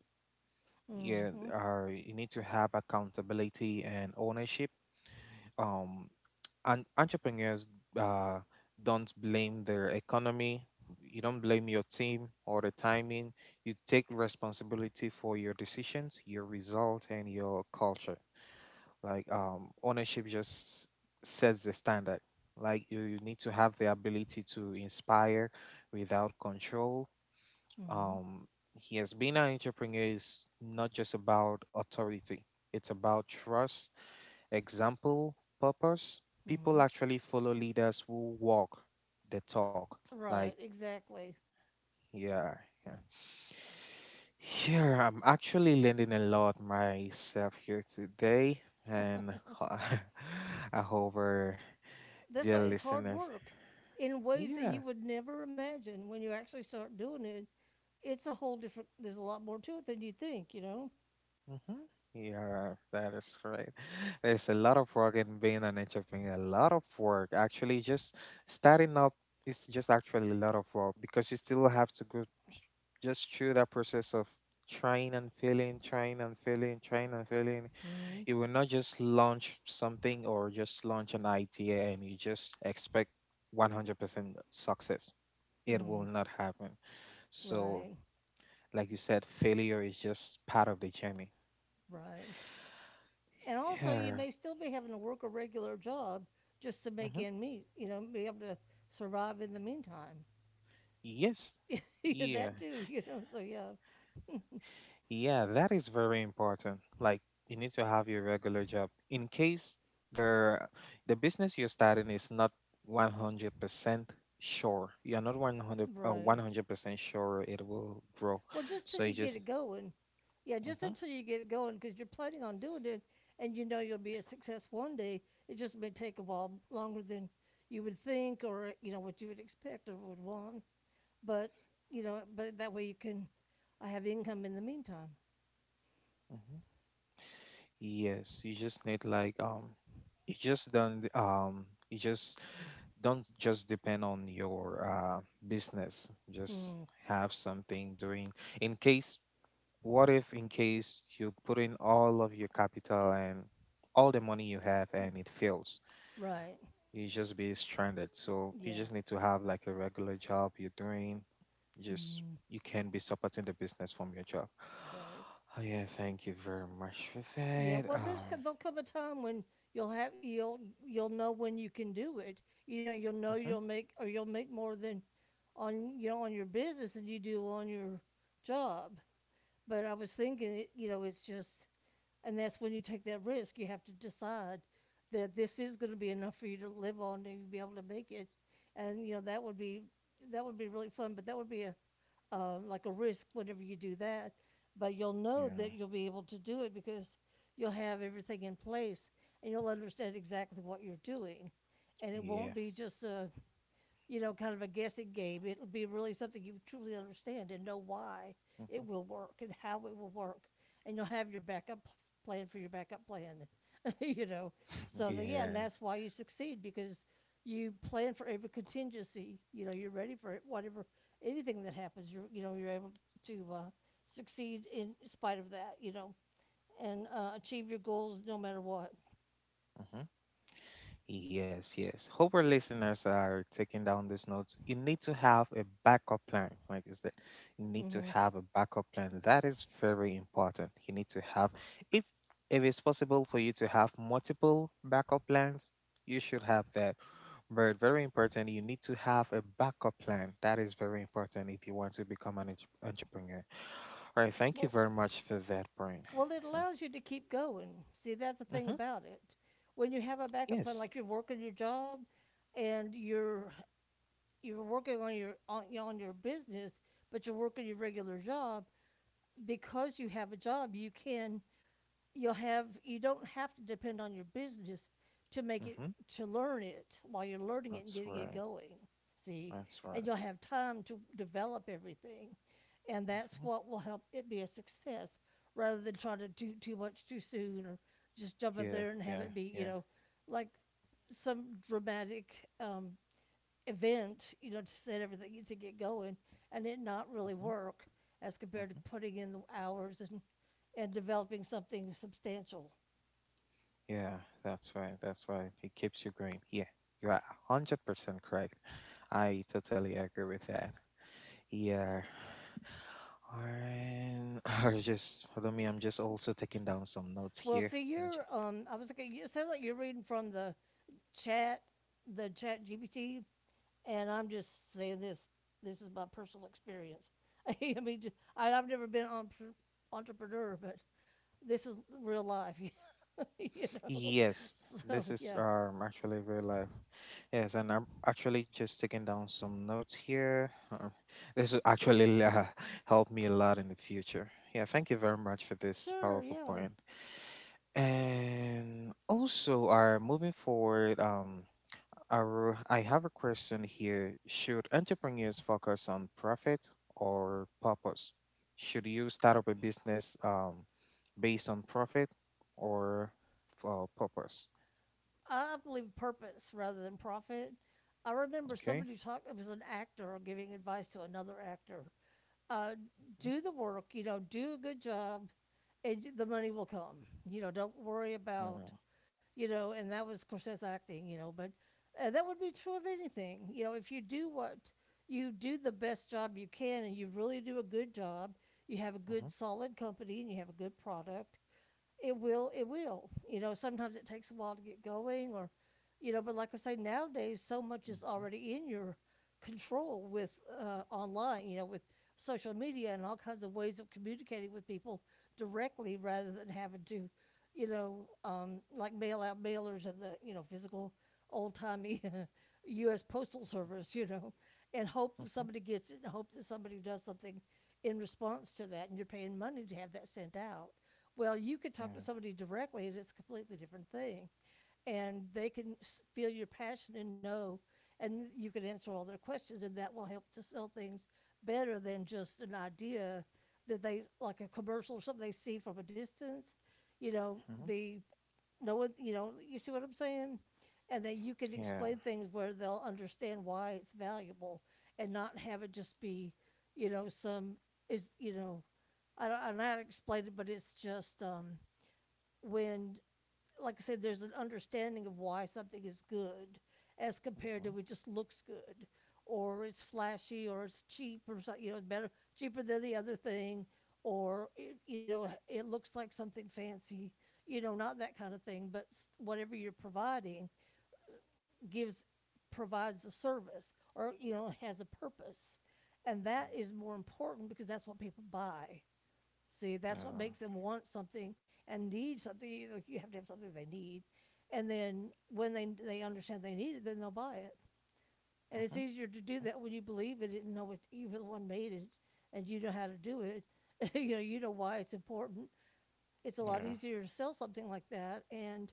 Yeah,
Mm-hmm.
you need to have accountability and ownership. Um and entrepreneurs uh don't blame their economy. You don't blame your team or the timing. You take responsibility for your decisions, your result, and your culture. Like, ownership just sets the standard. You, you need to have the ability to inspire without control.
Mm-hmm.
um yes, being an entrepreneur is not just about authority, it's about trust, example, purpose. People
Mm-hmm.
actually follow leaders who walk the talk. Like,
Right. Exactly.
yeah, yeah. Yeah, I'm actually learning a lot myself here today, and I hope our
That's
dear
why it's hard
listeners.
work in ways that you
Yeah,
would never imagine when you actually start doing it. It's a whole different. There's a lot more to it than you think.
hmm, yeah, that is right. There's a lot of work in being an entrepreneur, a lot of work. Actually, just starting up is just actually a lot of work, because you still have to go just through that process of trying and failing, trying and failing, trying and failing.
Mm.
You will not just launch something or just launch an idea and you just expect 100% success. It
Mm.
will not happen. So,
Right.
like you said, failure is just part of the journey.
Right. And also, you
Yeah.
may still be having to work a regular job just to make
Hmm.
end meet. Be able to survive in the meantime.
Yes.
Yeah,
Yeah.
that too. So yeah,
Yeah, that is very important. Like, you need to have your regular job in case the the business you're starting is not 100% sure. You're not 100
right.
100% sure it will grow.
Well, just till
So
you
you
get
just
it going. Yeah, just
Mhm,
until you get it going, because you're planning on doing it, and you know you'll be a success one day. It just may take a while longer than you would think, or what you would expect or would want. but but that way you can, I have income in the meantime.
mhm. Yes, you just need you just don't um you just don't just depend on your business. Just
Hmm.
have something doing in case what if, in case you put in all of your capital and all the money you have and it fails?
Right.
You just be stranded. So you
Yeah.
just need to have like a regular job you're doing. Just
Hmm.
you can be supporting the business from your job.
Right.
Oh, yeah, thank you very much for
Yeah.
that.
Well, there's there'll come a time when you'll know when you can do it. You'll know
Mhm,
you'll make or you'll make more than on your business than you do on your job. But I was thinking, it's just, and that's when you take that risk. You have to decide that this is going to be enough for you to live on and you'll be able to make it. And that would be really fun, but that would be a like a risk whenever you do that. But you'll know that
yeah,
you'll be able to do it because you'll have everything in place and you'll understand exactly what you're doing, and it won't be
yes,
just a kind of a guessing game. It'll be really something you truly understand and know why it
mhm,
will work and how it will work, and you'll have your backup plan for your backup plan. you know, so the, yeah, and
yeah.
that's why you succeed because you plan for every contingency. You're ready for it, whatever anything that happens. You're you know you're able to succeed in spite of that. And achieve your goals no matter what.
Mm-hmm. Yes, yes. Hope our listeners are taking down these notes. You need to have a backup plan, like I said. You need to
Hmm.
have a backup plan. That is very important. You need to have, if if it's possible for you to have multiple backup plans, you should have that. But very important, you need to have a backup plan. That is very important if you want to become an entrepreneur. All right. Thank you
Well,
very much for that, Brian.
Well, it
Uh,
allows you to keep going. See, that's the thing
Mm-hmm.
about it. When you have a backup plan,
Yes.
like you're working your job and you're working on your business, but you're working your regular job because you have a job, you don't have to depend on your business to make it
Mm-hmm.
to learn it while you're learning it and
That's
getting it
right.
going. See,
That's
and
right.
you'll have time to develop everything and that's
Mhm.
what will help it be a success rather than trying to do too much too soon or just jump out there
Yeah,
and have
yeah,
it be
yeah.
like some dramatic event to set everything to get going and it not really
Hmm.
work as compared to
Hmm.
putting in the hours and developing something substantial.
Yeah, that's right. That's right. It keeps you going. Yeah, you are 100% correct. I totally agree with that. Yeah. And or just hold on me, I'm just also taking down some notes
Well,
here.
see, you're I was like, it sounds like you're reading from the chat the chat gpt. And I'm just saying this. This is my personal experience. I mean, I have never been an entrepreneur, but this is real life, you know.
Yes, this
So
is
yeah,
actually real life. Yes, and I'm actually just taking down some notes here. This will actually help me a lot in the future. Yeah, thank you very much for this
sure,
powerful
yeah.
point. And also, are moving forward, I have a question here. Should entrepreneurs focus on profit or purpose? Should you start up a business based on profit or for purpose?
I believe purpose rather than profit. I remember
Okay.
somebody talk. It was an actor giving advice to another actor. Uh,
Mm-hmm.
do the work. Do a good job, and the money will come. Don't worry about
Uh,
and that was, of course, that's acting, but that would be true of anything. If you do what you do the best job you can and you really do a good job, you have a good,
mhm,
solid company and you have a good product, it will sometimes it takes a while to get going or but like I say nowadays so much is
mhm,
already in your control with online with social media and all kinds of ways of communicating with people directly rather than having to like mail out mailers and the physical old timey US postal service and hope that
mhm,
somebody gets it and hope that somebody does something in response to that and you're paying money to have that sent out. Well, you could
yeah.
talk to somebody directly, and it's a completely different thing. And they can feel your passion and know, and you can answer all their questions, and that will help to sell things better than just an idea that they, like a commercial or something they see from a distance. You know,
Mhm,
the no one, you see what I'm saying? And that you can
yeah.
explain things where they'll understand why it's valuable and not have it just be, some is, I don't know how to explain it, but it's just when, like I said, there's an understanding of why something is good as
Mhm,
compared
yeah.
to it just looks good or it's flashy or it's cheap or so, it's better cheaper than the other thing or it, it looks like something fancy not that kind of thing but whatever you're providing gives provides a service or has a purpose and that is more important because that's what people buy. See, that's what
Uh,
makes them want something and need something. You have to have something they need, and then when they understand they need it, then they'll buy it. And it's
mhm,
easier to do that when you believe in it and know what you were the one made it, and you know how to do it. You know why it's important. It's a lot
yeah.
easier to sell something like that, and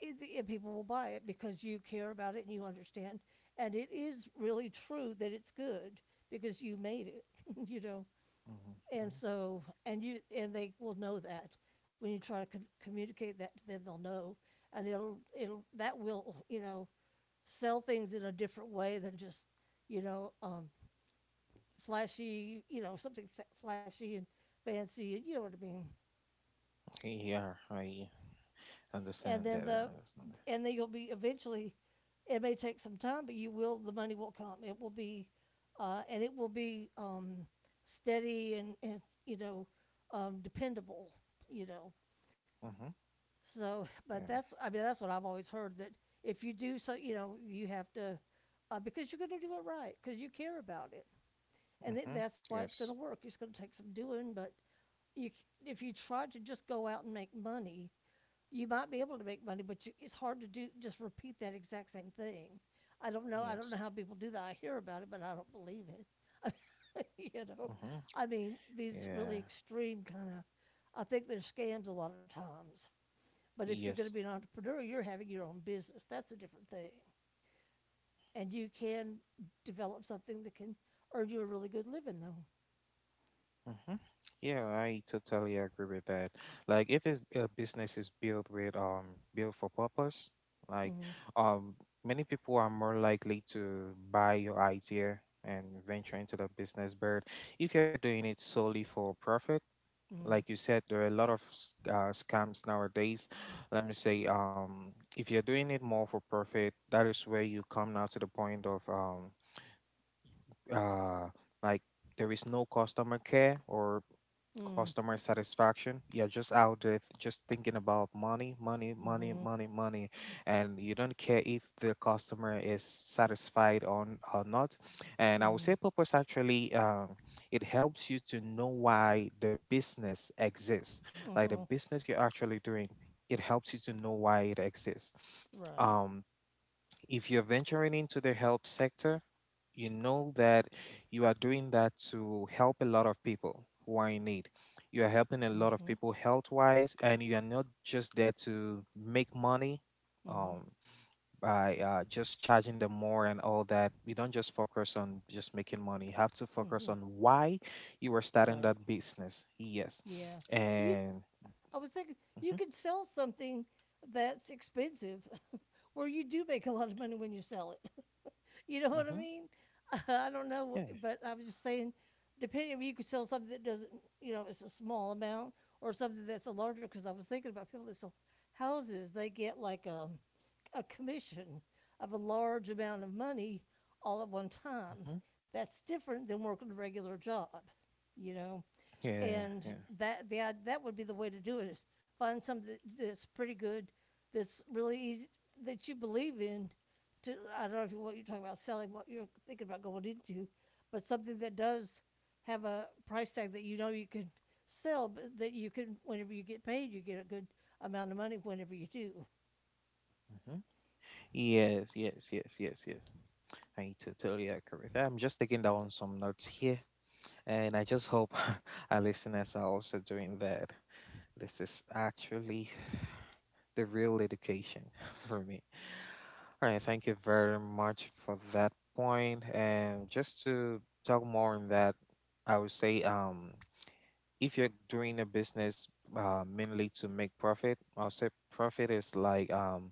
it, and people will buy it because you care about it and you understand. And it is really true that it's good because you made it. you know.
Mhm,
And
mhm.
so, and you, and they will know that when you try to communicate that to them, they'll know, and that will, sell things in a different way than just, you know, um, flashy, something flashy and fancy, you know what I mean.
Yeah. I understand
And
that.
then
I
the,
understand that.
and then you'll be eventually, it may take some time, but you will, the money will come. It will be, and it will be steady and dependable, you know.
Mm-hmm.
So, but
Yeah.
that's I mean that's what I've always heard that if you do so, you have to because you're going to do it right because you care about it, and
Mm-hmm.
that's why it's going to
Yes.
work. It's going to take some doing, but if you try to just go out and make money, you might be able to make money, but it's hard to do just repeat that exact same thing. I don't know. I don't know
Yes.
how people do that. I hear about it, but I don't believe it. you know,
Mm-hmm.
I mean, these really
Yeah.
extreme kind of. I think they're scams a lot of times, but if you're going to
Yes.
be an entrepreneur, you're having your own business. That's a different thing. And you can develop something that can earn you a really good living, though.
Hmm. Yeah, I totally agree with that. Like, if it's, a business is built with built for purpose, like
Mm-hmm.
um many people are more likely to buy your idea and venture into the business. But if you're doing it solely for profit, like you said, there are a lot of scams nowadays. Let me say, if you're doing it more for profit, that is where you come now to the point of uh like there is no customer care or
Mm-hmm.
customer satisfaction. You're just out there just thinking about money, money, money,
Mm-hmm.
money, money, and you don't care if the customer is satisfied or not. And I would say
Mm-hmm.
purpose actually it helps you to know why the business exists, like the
Mm-hmm.
business you're actually doing. It helps you to know why it exists.
Right.
Um, if you're venturing into the health sector, you know that you are doing that to help a lot of people who are in need. You are helping a lot of
Mm-hmm.
people health wise, and you are not just there to make money
Mm-hmm.
um, by just charging them more and all that. You don't just focus on just making money, you have to focus
Mm-hmm.
on why you are starting
Right.
that business. Yes.
Yeah. You.
And
I was thinking you
mhm,
could sell something that's expensive, where you do make a lot of money when you sell it. you know what I
mhm,
mean? I don't know,
yeah.
but I was just saying, depending, you could sell something that doesn't, it's a small amount, or something that's a larger. Because I was thinking about people that sell houses, they get like a commission of a large amount of money all at one time.
Hmm.
That's different than working a regular job, you know.
Yeah,
And
yeah.
that the that would be the way to do it. Is find something that's pretty good, that's really easy, that you believe in, to I don't know if you what you're talking about selling, what you're thinking about going into, but something that does have a price tag that you know you can sell, but that you can whenever you get paid, you get a good amount of money whenever you do.
Hmm. Yes, yes, yes, yes, yes. I totally agree with that. I'm just taking down some notes here, and I just hope our listeners are also doing that. This is actually the real education for me. All right, thank you very much for that point. And just to talk more on that, I would say if you're doing a business mainly to make profit, I'll say profit is like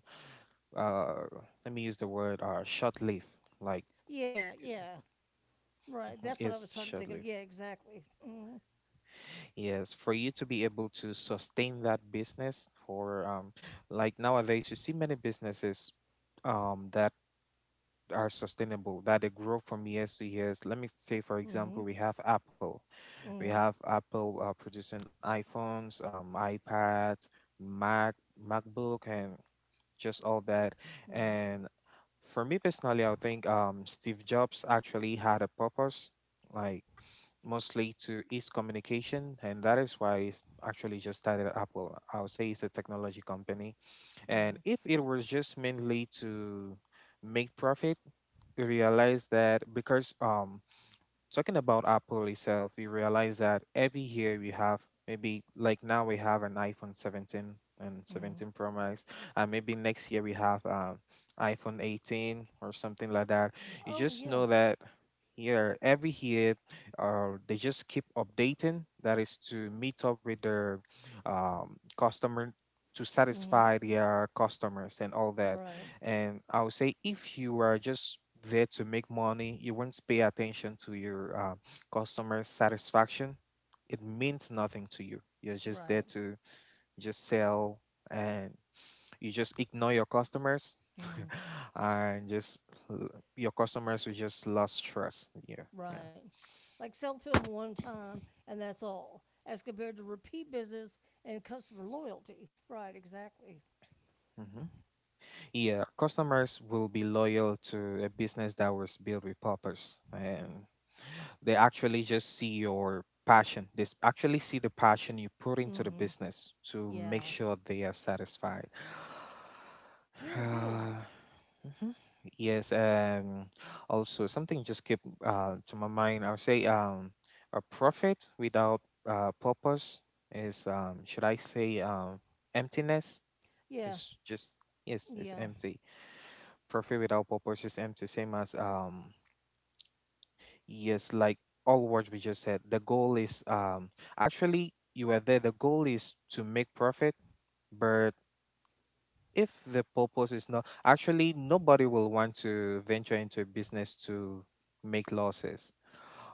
uh let me use the word short lived, like
Yeah, yeah, right.
mhm,
That's what I was
it's
trying to
short
think of.
lived.
Yeah, exactly. Mm,
Yes, for you to be able to sustain that business for like nowadays you see many businesses that are sustainable, that they grow from years to years. Let me say for example
hmm.
we have Apple. We
Mm,
have Apple producing iPhones, iPads, Mac, MacBook and just all that.
hmm.
And for me personally, I think Steve Jobs actually had a purpose, like mostly to ease communication, and that is why he's actually just started at Apple. I would say it's a technology company, and
Mm,
if it was just mainly to make profit, we realized that because talking about Apple itself, we realize that every year we have maybe like now we have an iPhone 17 and
hmm.
17 Pro Max, and maybe next year we have iPhone 18 or something like that. You
Oh
just
yeah.
know that here every year, they just keep updating. That is to meet up with their customer, to
Mm, hmm.
satisfy their customers and all that.
Right.
And I would say if you are just there to make money, you won't pay attention to your customer satisfaction. It means nothing to you. You're just there
Right.
to just sell and you just ignore your customers
Mm, hmm.
and just l- your customers will just lost trust. Yeah. Yeah.
Right. Like sell to them one time, and that's all, as compared to repeat business and customer loyalty. Right, exactly.
Hmm. Yeah, customers will be loyal to a business that was built with purpose, and they actually just see your passion. They actually see the passion you put into
Mm
the
hmm.
business to make
Yeah.
sure they are satisfied.
Very good.
Uh, mhm. Yes, also something just came to my mind. I would say a profit without purpose is should I say emptiness?
Yeah.
It's just, yes, it's
Yeah.
empty. Trophy without purpose is empty, same as yes, like all words we just said. The goal is actually you are there, the goal is to make profit, but if the purpose is not actually, nobody will want to venture into a business to make losses,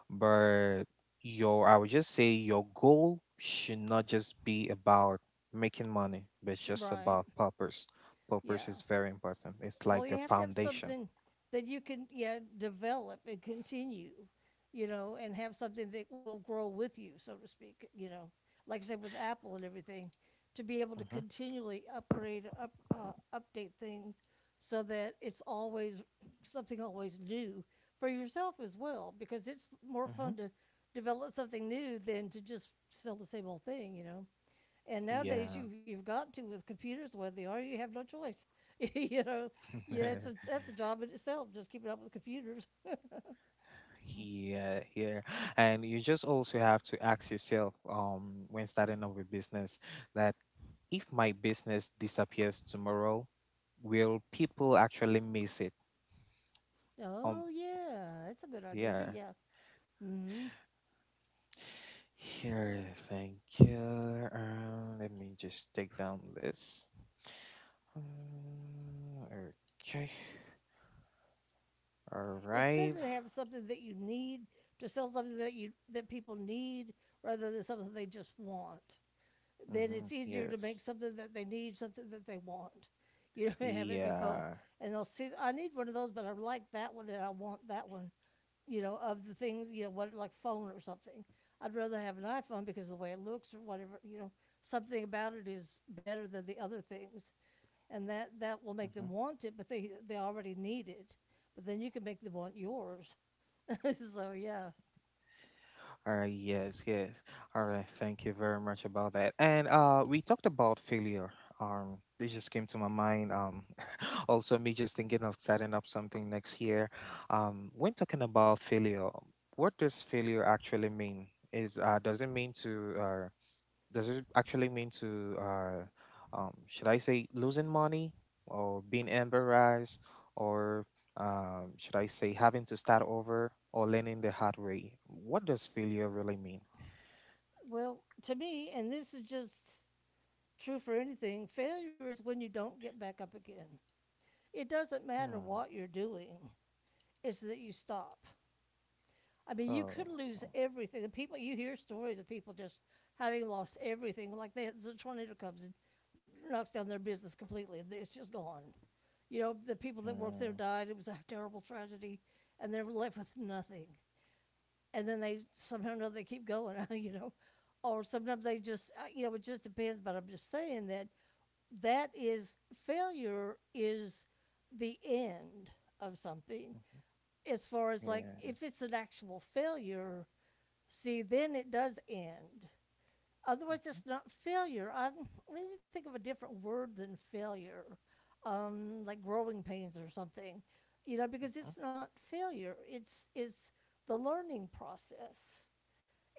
but your, I would just say your goal should not just be about making money, but it's just
Right.
about purpose. Purpose
Yeah.
is very important. It's
Well,
like
you
the
have to have
foundation.
something that you can, yeah, develop and continue, and have something that will grow with you, so to speak. You know, like I said with Apple and everything, to be able to
Hmm.
continually upgrade, up, update things, so that it's always something always new for yourself as well, because it's more
Hmm.
fun to develop something new than to just sell the same old thing. You know. And nowadays,
Yeah.
you've got to with computers, whether they are, you have no choice. you know, yeah, that's a that's a job in itself. Just keeping up with computers.
Yeah, yeah. And you just also have to ask yourself, when starting up a business, that if my business disappears tomorrow, will people actually miss it? Um,
Oh yeah, that's a good idea too.
yeah.
Yeah. Hmm.
Here, thank you. Let me just take down this. Um, okay. All
It's
right.
better to have something that you need, to sell something that you that people need rather than something they just want. Then
Mm-hmm.
it's easier to make
Yes.
something that they need, something that they want. You know, have it be both.
Yeah.
And they'll see, I need one of those, but I like that one and I want that one. Of the things, what like phone or something. I'd rather have an iPhone because of the way it looks or whatever, you know, something about it is better than the other things, and that that will make
Mm-hmm.
them want it, but they already need it. But then you can make them want yours. So yeah.
All right, yes, yes. All right, thank you very much about that. And we talked about failure. This just came to my mind. Also me just thinking of setting up something next year. When talking about failure, what does failure actually mean? Is Does it mean to, uh does it actually mean to, should I say losing money, or being embarrassed, or, should I say, having to start over or learning the hard way? What does failure really mean?
Well, to me, and this is just true for anything, failure is when you don't get back up again. It doesn't matter
Hmm.
what you're doing, it's that you stop. I mean, you
Oh.
could lose
Oh,
everything. The people you hear stories of people just having lost everything, like they, the tornado comes and knocks down their business completely, and it's just gone. You know, the people that worked there died. It was a terrible tragedy, and they're left with nothing. And then they somehow or another they keep going. You know, or sometimes they just you know it just depends. But I'm just saying that that is failure is the end of something, as far as
yeah.
like
Mhm, yeah.
if it's an actual failure. See, then it does end. Otherwise,
Mhm,
it's not failure. I really think of a different word than failure, like growing pains or something, you know, because it's not failure. It's the learning process.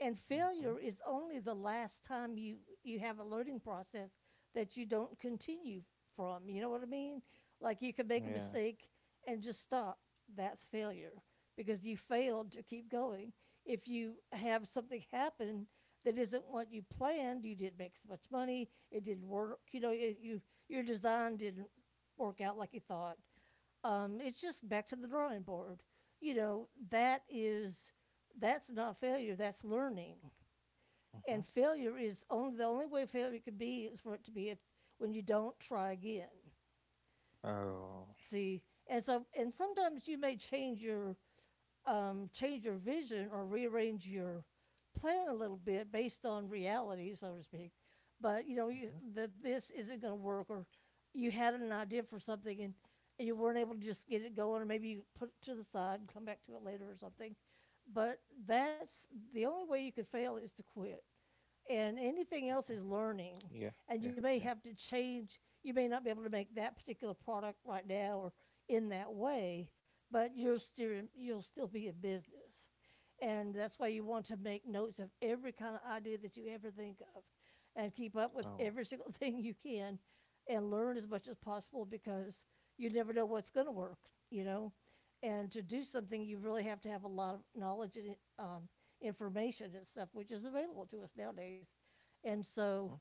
And
mhm, mhm,
failure is only the last time you, you have a learning process that you don't continue from. You know what I mean? Like you can make a
yeah.
mistake and just stop. That's failure because you failed to keep going. If you have something happen that isn't what you planned, you didn't make so much money, it didn't work, you know, it, you your design didn't work out like you thought, it's just back to the drawing board. You know, that is that's not failure, that's learning. And
Mhm,
failure is only the only way failure could be is for it to be at, when you don't try again.
oh,
See, and so and sometimes you may change your vision or rearrange your plan a little bit based on reality, so to speak. But you know
mhm,
you,
mhm,
that this isn't going to work, or you had an idea for something and you weren't able to just get it going, or maybe you put it to the side and come back to it later or something. But that's the only way you could fail is to quit, and anything else is learning.
yeah.
And
Yeah.
you may
Yeah.
have to change. You may not be able to make that particular product right now or in that way, but you're still you'll still be in business. And that's why you want to make notes of every kind of idea that you ever think of, and keep up with
Oh.
every single thing you can, and learn as much as possible because you never know what's going to work. You know, and to do something, you really have to have a lot of knowledge and information and stuff, which is available to us nowadays. And so,
Mhm,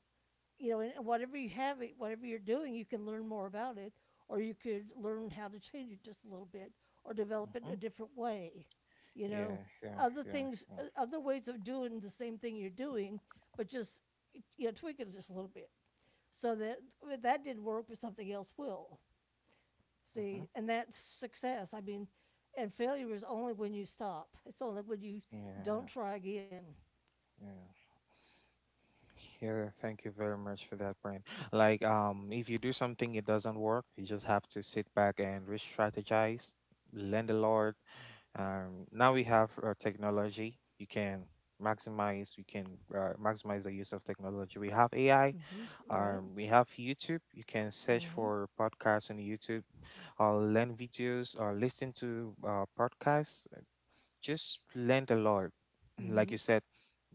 you know, and whatever you have, it- whatever you're doing, you can learn more about it, or you could learn how to change it just a little bit, or develop it in a
mhm,
different way. You know,
yeah. Yeah.
other
Yeah.
things,
Yeah.
other ways of doing the same thing you're doing, but just you know tweak it just a little bit so that if that didn't work, but something else will. See,
Mhm,
and that's success. I mean, and failure is only when you stop. It's only when you don't
yeah.
try again.
Yeah. Here, thank you very much for that, Brian. Like, if you do something it doesn't work, you just have to sit back and re-strategize, learn the Lord. Now we have technology. You can maximize. You can maximize the use of technology. We have AI.
Hmm. Right.
We have YouTube. You can search
Hmm.
for podcasts on YouTube, or learn videos, or listen to podcasts, just learned a lot. Like you
Hmm.
said,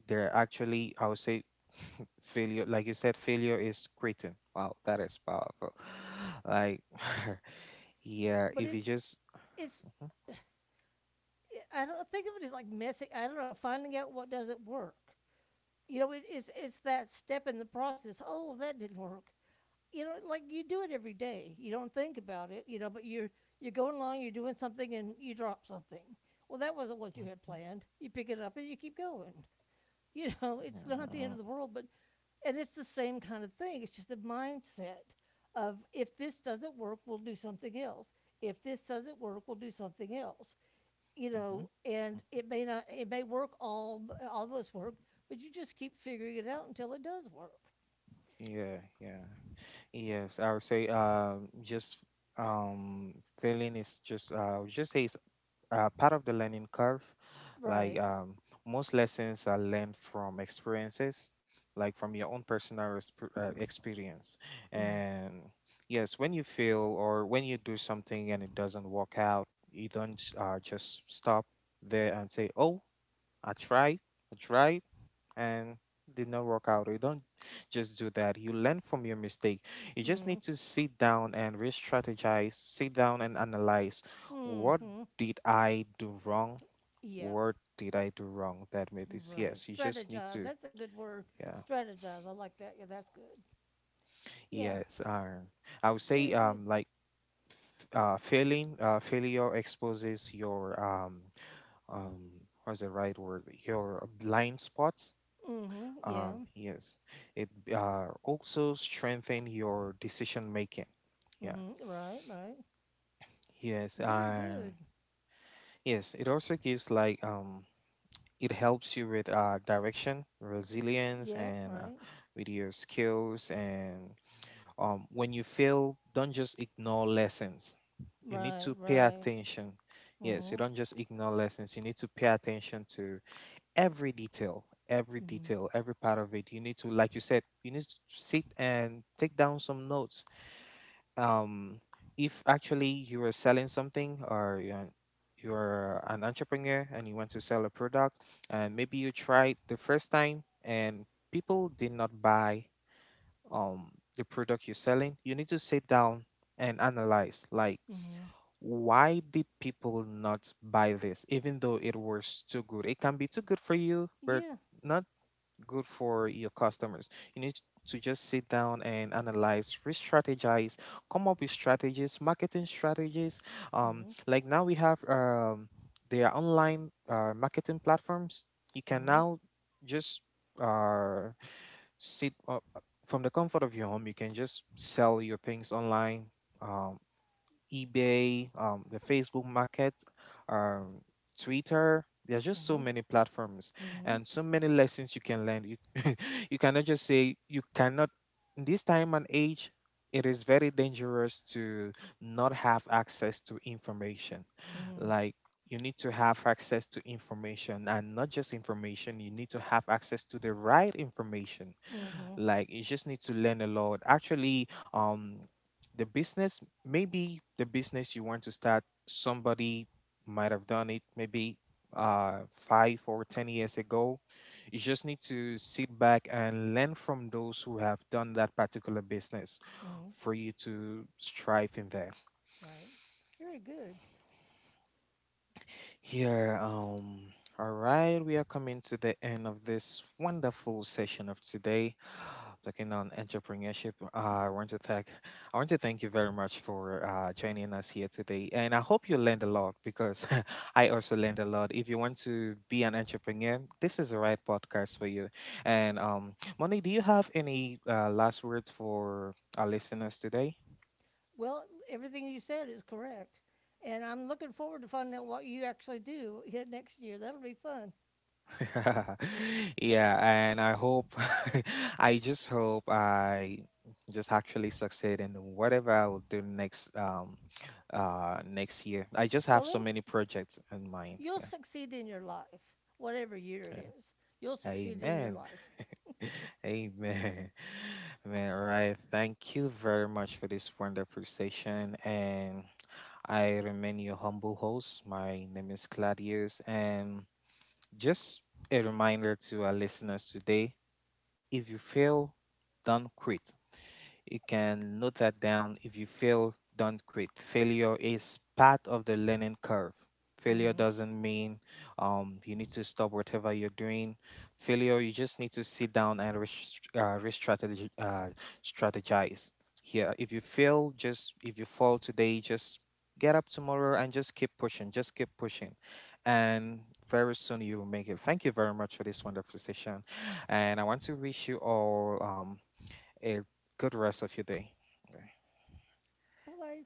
there are actually, I would say, failure. Like you said, failure is quitting. Wow, that is powerful. Like, yeah,
But
if you
it's
just,
it's
mhm.
I don't think of it as like messing. I don't know, finding out what doesn't work. You know, it, it's that step in the process. Oh, that didn't work. You know, like you do it every day. You don't think about it. You know, but you're going along. You're doing something and you drop something. Well, that wasn't what you had
Mhm,
planned. You pick it up and you keep going. You know, it's not the end
mhm,
of the world, but and it's the same kind of thing. It's just the mindset of if this doesn't work, we'll do something else. If this doesn't work, we'll do something else. You
mhm.
know, and it may not, it may work all of us work, but you just keep figuring it out until it does work.
Yeah, yeah. Yes, I would say just um failing is just I would just say it's part of the learning curve. Like
Right.
most lessons are learned from experiences, like from your own personal experience. And yes, when you fail or when you do something and it doesn't work out, you don't just stop there and say, "Oh, I tried, I tried, and did not work out." You don't just do that. You learn from your mistake. You just
Mm-hmm.
need to sit down and re strategize, sit down and analyze, what
Mm-hmm.
did I do wrong?
Yeah.
What did I do wrong that made this?
Right.
Yes, you just need
Strategize.
to,
That's a good word.
yeah.
Strategize. I like that. Yeah, that's good. Yeah.
Yes, I would say
Very good.
like failing, failure exposes your what's the right word? Your blind spots.
Mm-hmm. Yeah.
Yes, it also strengthen your decision making. Yeah.
Mm-hmm. Right. Right.
Yes.
Very good.
Yes. It also gives like. It helps you with direction, resilience,
Yep.
and
Right.
with your skills. And when you fail, don't just ignore lessons. You need
Right.
to pay
Right.
attention. Yes, you
Mhm.
don't just ignore lessons. You need to pay attention to every detail, every
Mhm.
detail every part of it. You need to, like you said, you need to sit and take down some notes. um if actually you are selling something, or you're an entrepreneur and you want to sell a product, and maybe you tried the first time and people did not buy um the product you're selling, you need to sit down and analyze, like,
Mhm.
why did people not buy this, even though it was too good? It can be too good for you, but
Yeah.
not good for your customers. You need to just sit down and analyze, re-strategize, come up with strategies, marketing strategies.
Mhm.
Like now we have their online marketing platforms. You can
Mhm.
now just uh, sit from the comfort of your home. You can just sell your things online. Um, eBay, the Facebook Market, um, Twitter. There's just so
Mhm.
many platforms and
Mhm.
so many lessons you can learn. You, you cannot just say you cannot. In this time and age, it is very dangerous to not have access to information.
Mhm.
Like, you need to have access to information, and not just information. You need to have access to the right information,
Mhm.
like you just need to learn a lot. Actually, um, the business maybe the business you want to start, somebody might have done it maybe 5 or 10 years ago. You just need to sit back and learn from those who have done that particular business
Mhm.
for you to strive in there.
Right. Very good.
Here, all right, we are coming to the end of this wonderful session of today, talking on entrepreneurship. I want to thank, I want to thank you very much for joining us here today, and I hope you learned a lot because I also learned a lot. If you want to be an entrepreneur, this is the right podcast for you. And Moni, do you have any last words for our listeners today?
Well, everything you said is correct, and I'm looking forward to finding out what you actually do here next year. That'll be fun.
Yeah, and I hope, I just hope I just actually succeed in whatever I will do next next year. I just
Well,
have so
it'll
many projects in mind.
you'll
Yeah.
succeed in your life, whatever year it
Yeah.
is. You'll succeed in your
Amen.
life.
Amen. Man, all right. Thank you very much for this wonderful session. And I remain your humble host. My name is Claudius. And just a reminder to our listeners today, if you fail, don't quit. You can note that down. If you fail, don't quit. Failure is part of the learning curve. Failure
Mhm.
doesn't mean, you need to stop whatever you're doing. Failure, you just need to sit down and re-strategize. Strategize. Here, if you fail, just if you fall today, just get up tomorrow and just keep pushing. Just keep pushing, and very soon you will make it. Thank you very much for this wonderful session, and I want to wish you all a good rest of your day. Okay.
Bye bye.